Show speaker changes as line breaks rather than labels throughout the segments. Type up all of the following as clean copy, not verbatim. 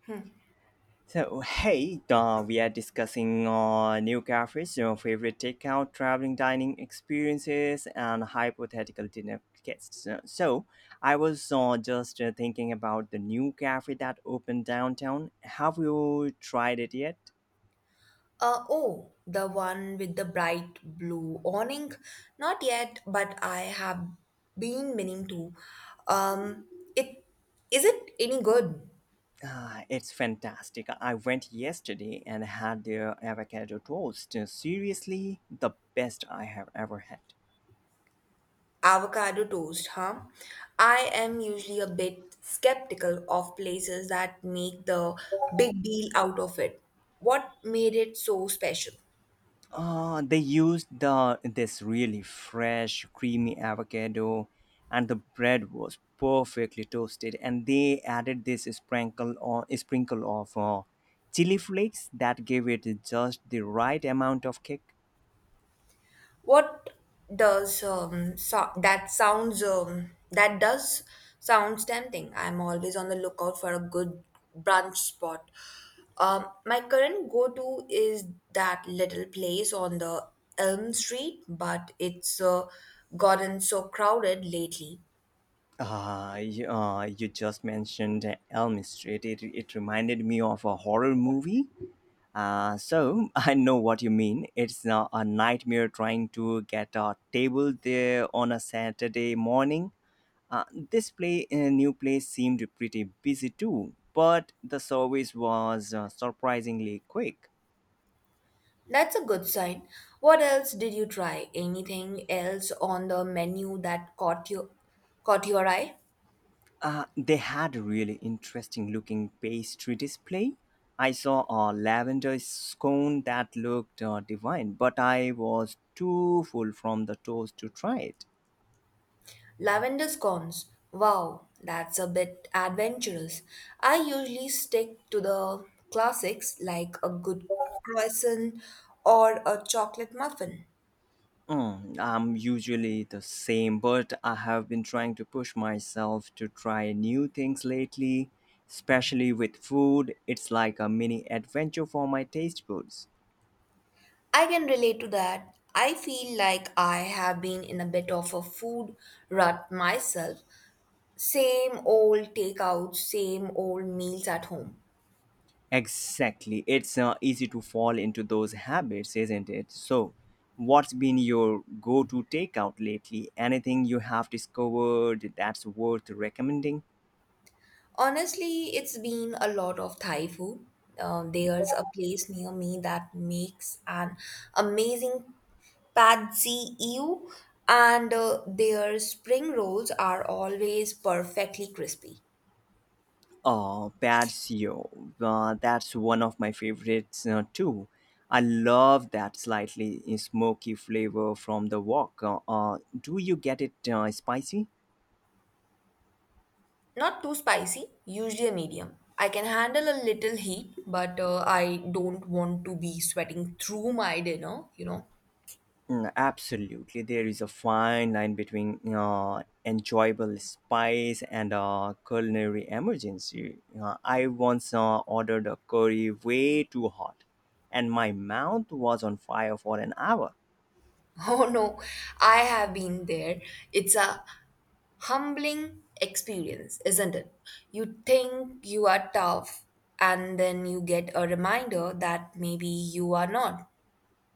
Hmm.
So, hey, we are discussing new cafes, your favorite takeout, traveling dining experiences, and hypothetical dinner guests. I was just thinking about the new cafe that opened downtown. Have you tried it yet?
Oh, the one with the bright blue awning? Not yet, but I have been meaning to. Um, it is it any good?
Ah, it's fantastic. I went yesterday and had their avocado toast. Seriously, the best I have ever had.
Avocado toast, huh? I am usually a bit skeptical of places that make the big deal out of it. What made it so special?
They used the this really fresh, creamy avocado, and the bread was perfectly toasted. And they added this sprinkle of chili flakes that gave it just the right amount of kick.
What does so- that sounds that does sounds tempting. I'm always on the lookout for a good brunch spot. My current go-to is that little place on the Elm Street, but it's gotten so crowded lately.
You just mentioned Elm Street. It reminded me of a horror movie. So I know what you mean. It's a nightmare trying to get a table there on a Saturday morning. Uh, this new place seemed pretty busy too, but the service was surprisingly quick.
That's a good sign. What else did you try? Anything else on the menu that caught your eye?
They had a really interesting looking pastry display. I saw a lavender scone that looked divine, but I was too full from the toast to try it.
Lavender scones. Wow, that's a bit adventurous. I usually stick to the classics like a good croissant or a chocolate muffin.
Mm, I'm usually the same, but I have been trying to push myself to try new things lately, especially with food. It's like a mini adventure for my taste buds.
I can relate to that. I feel like I have been in a bit of a food rut myself. Same old takeout, same old meals at home.
Exactly. It's easy to fall into those habits, isn't it? So, what's been your go to takeout lately? Anything you have discovered that's worth recommending?
Honestly, it's been a lot of Thai food. There's a place near me that makes an amazing Patsy Ew, and their spring rolls are always perfectly crispy.
Oh, patio. That's one of my favorites too. I love that slightly smoky flavor from the wok. Do you get it spicy?
Not too spicy, usually a medium. I can handle a little heat, but I don't want to be sweating through my dinner.
Mm, absolutely. There is a fine line between enjoyable spice and culinary emergency. I once ordered a curry way too hot, and my mouth was on fire for an hour.
Oh no, I have been there. It's a humbling experience, isn't it? You think you are tough, and then you get a reminder that maybe you are not.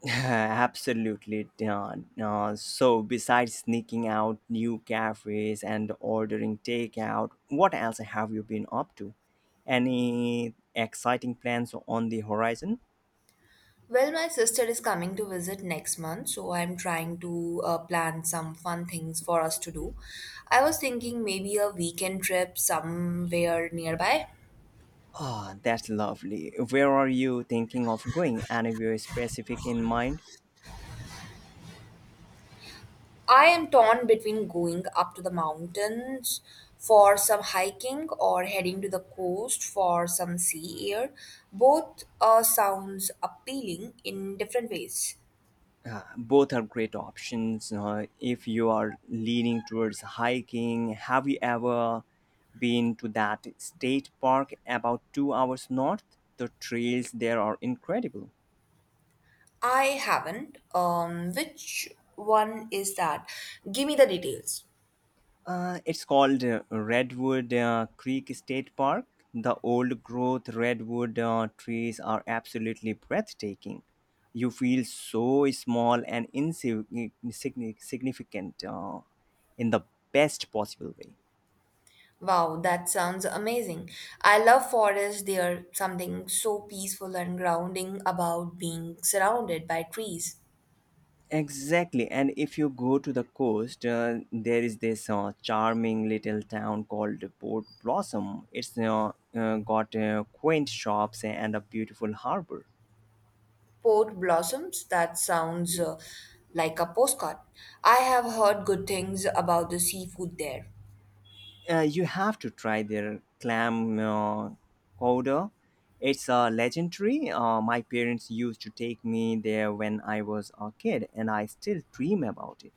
Absolutely. So, besides sneaking out new cafes and ordering takeout, what else have you been up to? Any exciting plans on the horizon?
Well, my sister is coming to visit next month, so I'm trying to plan some fun things for us to do. I was thinking maybe a weekend trip somewhere nearby.
Ah, that's lovely. Where are you thinking of going? Anywhere specific in mind?
I am torn between going up to the mountains for some hiking or heading to the coast for some sea air. Both sounds appealing in different ways.
Both are great options if you are leaning towards hiking. Have you ever been to that state park about 2 hours north? The trails there are incredible.
I haven't. Which one is that? Give me the details.
It's called Redwood Creek State Park. The old growth redwood trees are absolutely breathtaking. You feel so small and insignificant in the best possible way.
Wow, that sounds amazing. I love forests. They are something so peaceful and grounding about being surrounded by trees.
Exactly, and if you go to the coast, there is this charming little town called Port Blossom. It's got quaint shops and a beautiful harbor.
Port blossoms, that sounds like a postcard. I have heard good things about the seafood there.
You have to try their clam chowder. It's legendary. My parents used to take me there when I was a kid, and I still dream about it.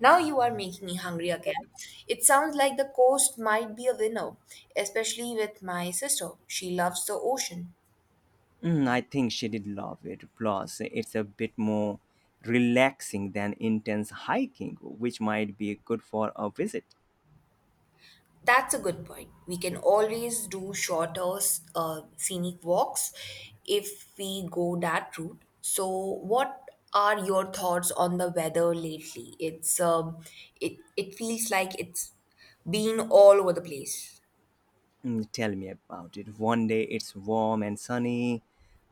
Now you are making me hungry again. It sounds like the coast might be a winner, especially with my sister. She loves the ocean.
Mm, I think she did love it. Plus, it's a bit more relaxing than intense hiking, which might be good for a visit.
That's a good point. We can always do shorter scenic walks if we go that route. So, what are your thoughts on the weather lately? It feels like it's been all over the place.
Mm, tell me about it. One day it's warm and sunny,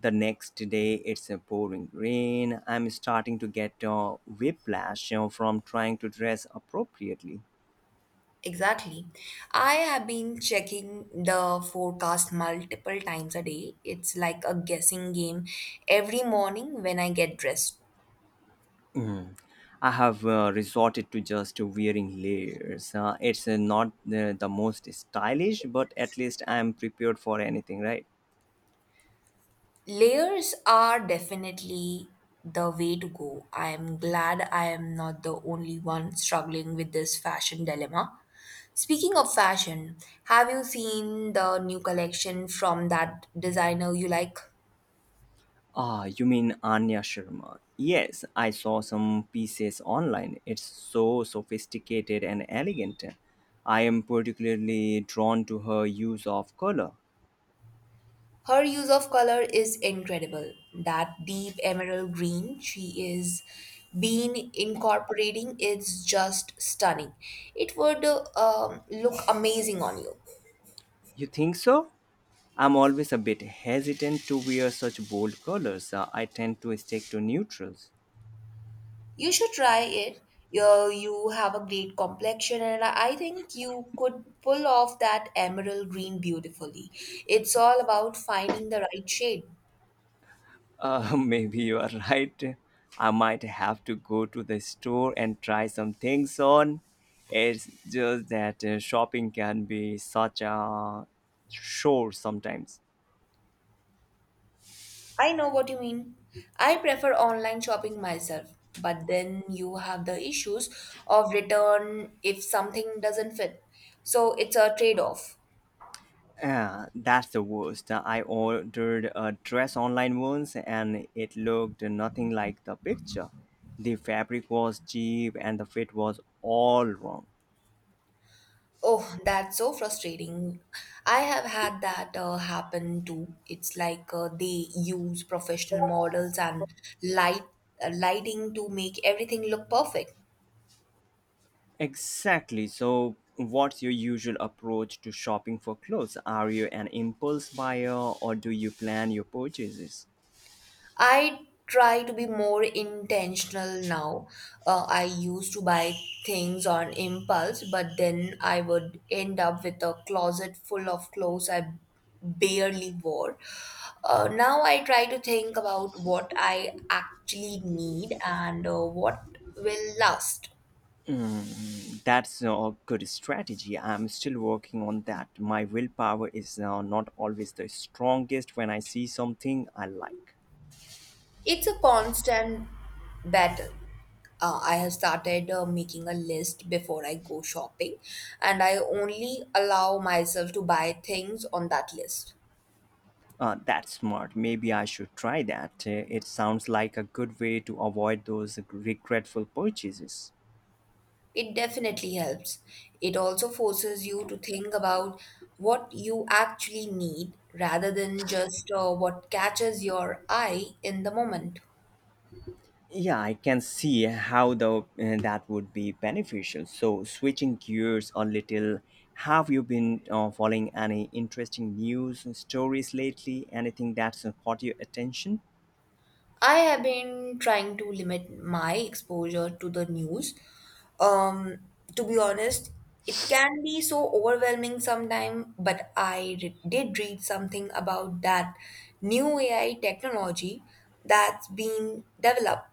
the next day it's a pouring rain. I'm starting to get whiplash from trying to dress appropriately.
Exactly. I have been checking the forecast multiple times a day. It's like a guessing game every morning when I get dressed.
I have resorted to just wearing layers. It's not the most stylish, but at least I'm prepared for anything, right?
Layers are definitely the way to go. I am glad I am not the only one struggling with this fashion dilemma. Speaking of fashion, have you seen the new collection from that designer you like?
Ah, you mean Anya Sharma? Yes, I saw some pieces online. It's so sophisticated and elegant. I am particularly drawn to her use of color.
Her use of color is incredible. That deep emerald green she is been incorporating is just stunning. It would look amazing on you.
You think so? I'm always a bit hesitant to wear such bold colors. I tend to stick to neutrals.
You should try it. You have a great complexion, and I think you could pull off that emerald green beautifully. It's all about finding the right shade.
Maybe you are right. I might have to go to the store and try some things on. It's just that shopping can be such a chore sometimes.
I know what you mean. I prefer online shopping myself, but then you have the issues of return if something doesn't fit. So it's a trade off.
Yeah, that's the worst. I ordered a dress online once and it looked nothing like the picture. The fabric was cheap and the fit was all wrong.
Oh, that's so frustrating. I have had that happen too. It's like they use professional models and light lighting to make everything look perfect.
Exactly. So, what's your usual approach to shopping for clothes? Are you an impulse buyer or do you plan your purchases?
I try to be more intentional now. I used to buy things on impulse, but then I would end up with a closet full of clothes I barely wore. Now I try to think about what I actually need and what will last.
That's a good strategy. I'm still working on that. My willpower is not always the strongest when I see something I like.
It's a constant battle. I have started making a list before I go shopping, and I only allow myself to buy things on that list.
That's smart. Maybe I should try that. It sounds like a good way to avoid those regretful purchases.
It definitely helps. It also forces you to think about what you actually need rather than just what catches your eye in the moment.
Yeah, I can see how the that would be beneficial. So, switching gears a little, have you been following any interesting news and stories lately? Anything that's caught your attention?
I have been trying to limit my exposure to the news. Um, to be honest, it can be so overwhelming sometimes, but I did read something about that new AI technology that's being developed.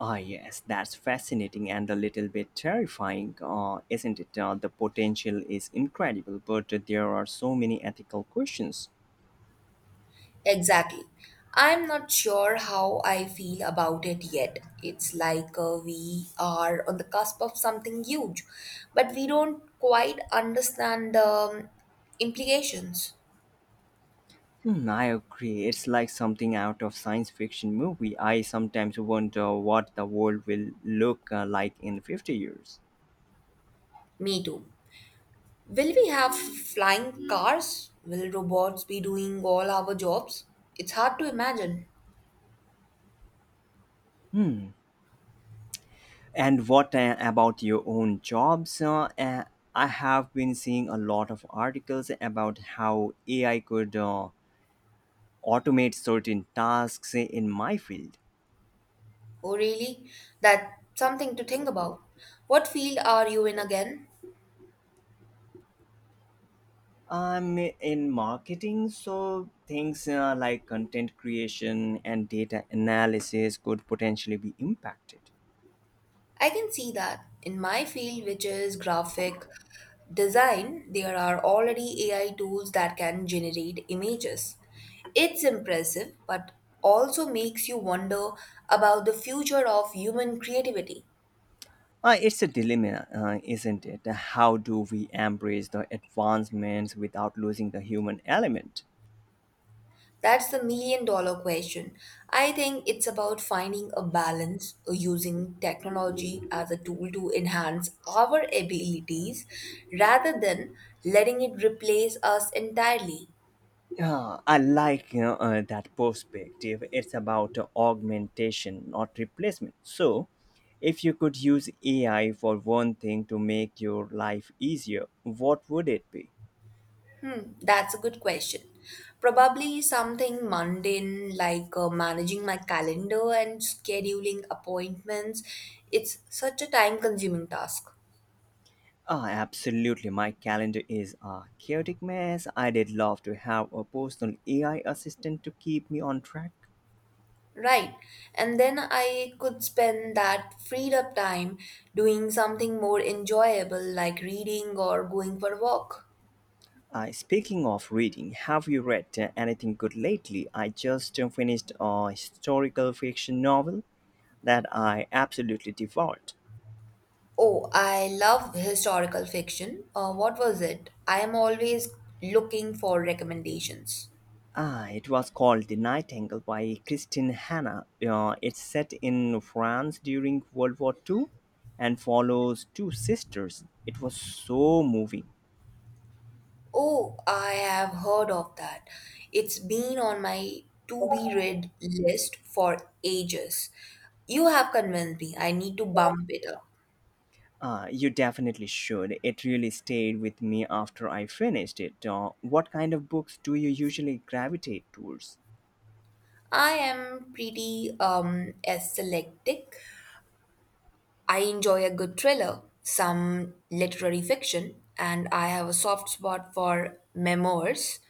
Ah, yes, that's fascinating and a little bit terrifying, isn't it? The potential is incredible, but there are so many ethical questions.
Exactly. I'm not sure how I feel about it yet. It's like we are on the cusp of something huge, but we don't quite understand the implications.
Hmm, I agree. It's like something out of science fiction movie. I sometimes wonder what the world will look like in 50 years.
Me too. Will we have flying cars? Will robots be doing all our jobs? It's hard to imagine.
Hmm. And what about your own jobs? I have been seeing a lot of articles about how AI could automate certain tasks in my field.
Oh, really? That's something to think about. What field are you in again?
I'm in marketing, so things like content creation and data analysis could potentially be impacted.
I can see that. In my field, which is graphic design, there are already AI tools that can generate images. It's impressive, but also makes you wonder about the future of human creativity.
It's a dilemma, isn't it? How do we embrace the advancements without losing the human element?
That's the million dollar question. I think it's about finding a balance using technology as a tool to enhance our abilities rather than letting it replace us entirely.
Yeah, I like that perspective. It's about augmentation, not replacement. So, if you could use AI for one thing to make your life easier, what would it be?
Hmm, that's a good question. Probably something mundane like managing my calendar and scheduling appointments. It's such a time consuming task.
Ah, absolutely. My calendar is a chaotic mess. I'd love to have a personal AI assistant to keep me on track.
Right. And then I could spend that freed up time doing something more enjoyable like reading or going for a walk.
Speaking of reading, have you read anything good lately? I just finished a historical fiction novel that I absolutely devoured.
Oh, I love historical fiction. What was it? I am always looking for recommendations.
Ah, it was called The Nightingale by Christine Hanna. It's set in France during World War II and follows two sisters. It was so moving.
Oh, I have heard of that. It's been on my to be read list for ages. You have convinced me. I need to bump it up.
Ah, you definitely should. It really stayed with me after I finished it. What kind of books do you usually gravitate towards?
I am pretty selective. I enjoy a good thriller, some literary fiction, and I have a soft spot for memoirs.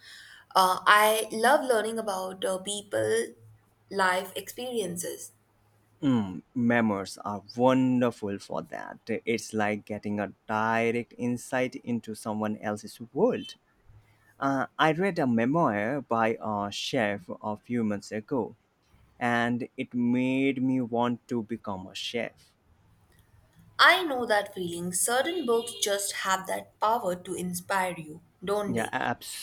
I love learning about people, life experiences.
Mm, memoirs are wonderful for that. It's like getting a direct insight into someone else's world. I read a memoir by a chef a few months ago, and it made me want to become a chef.
I know that feeling. Certain books just have that power to inspire you, don't
Yeah,
they?
absolutely.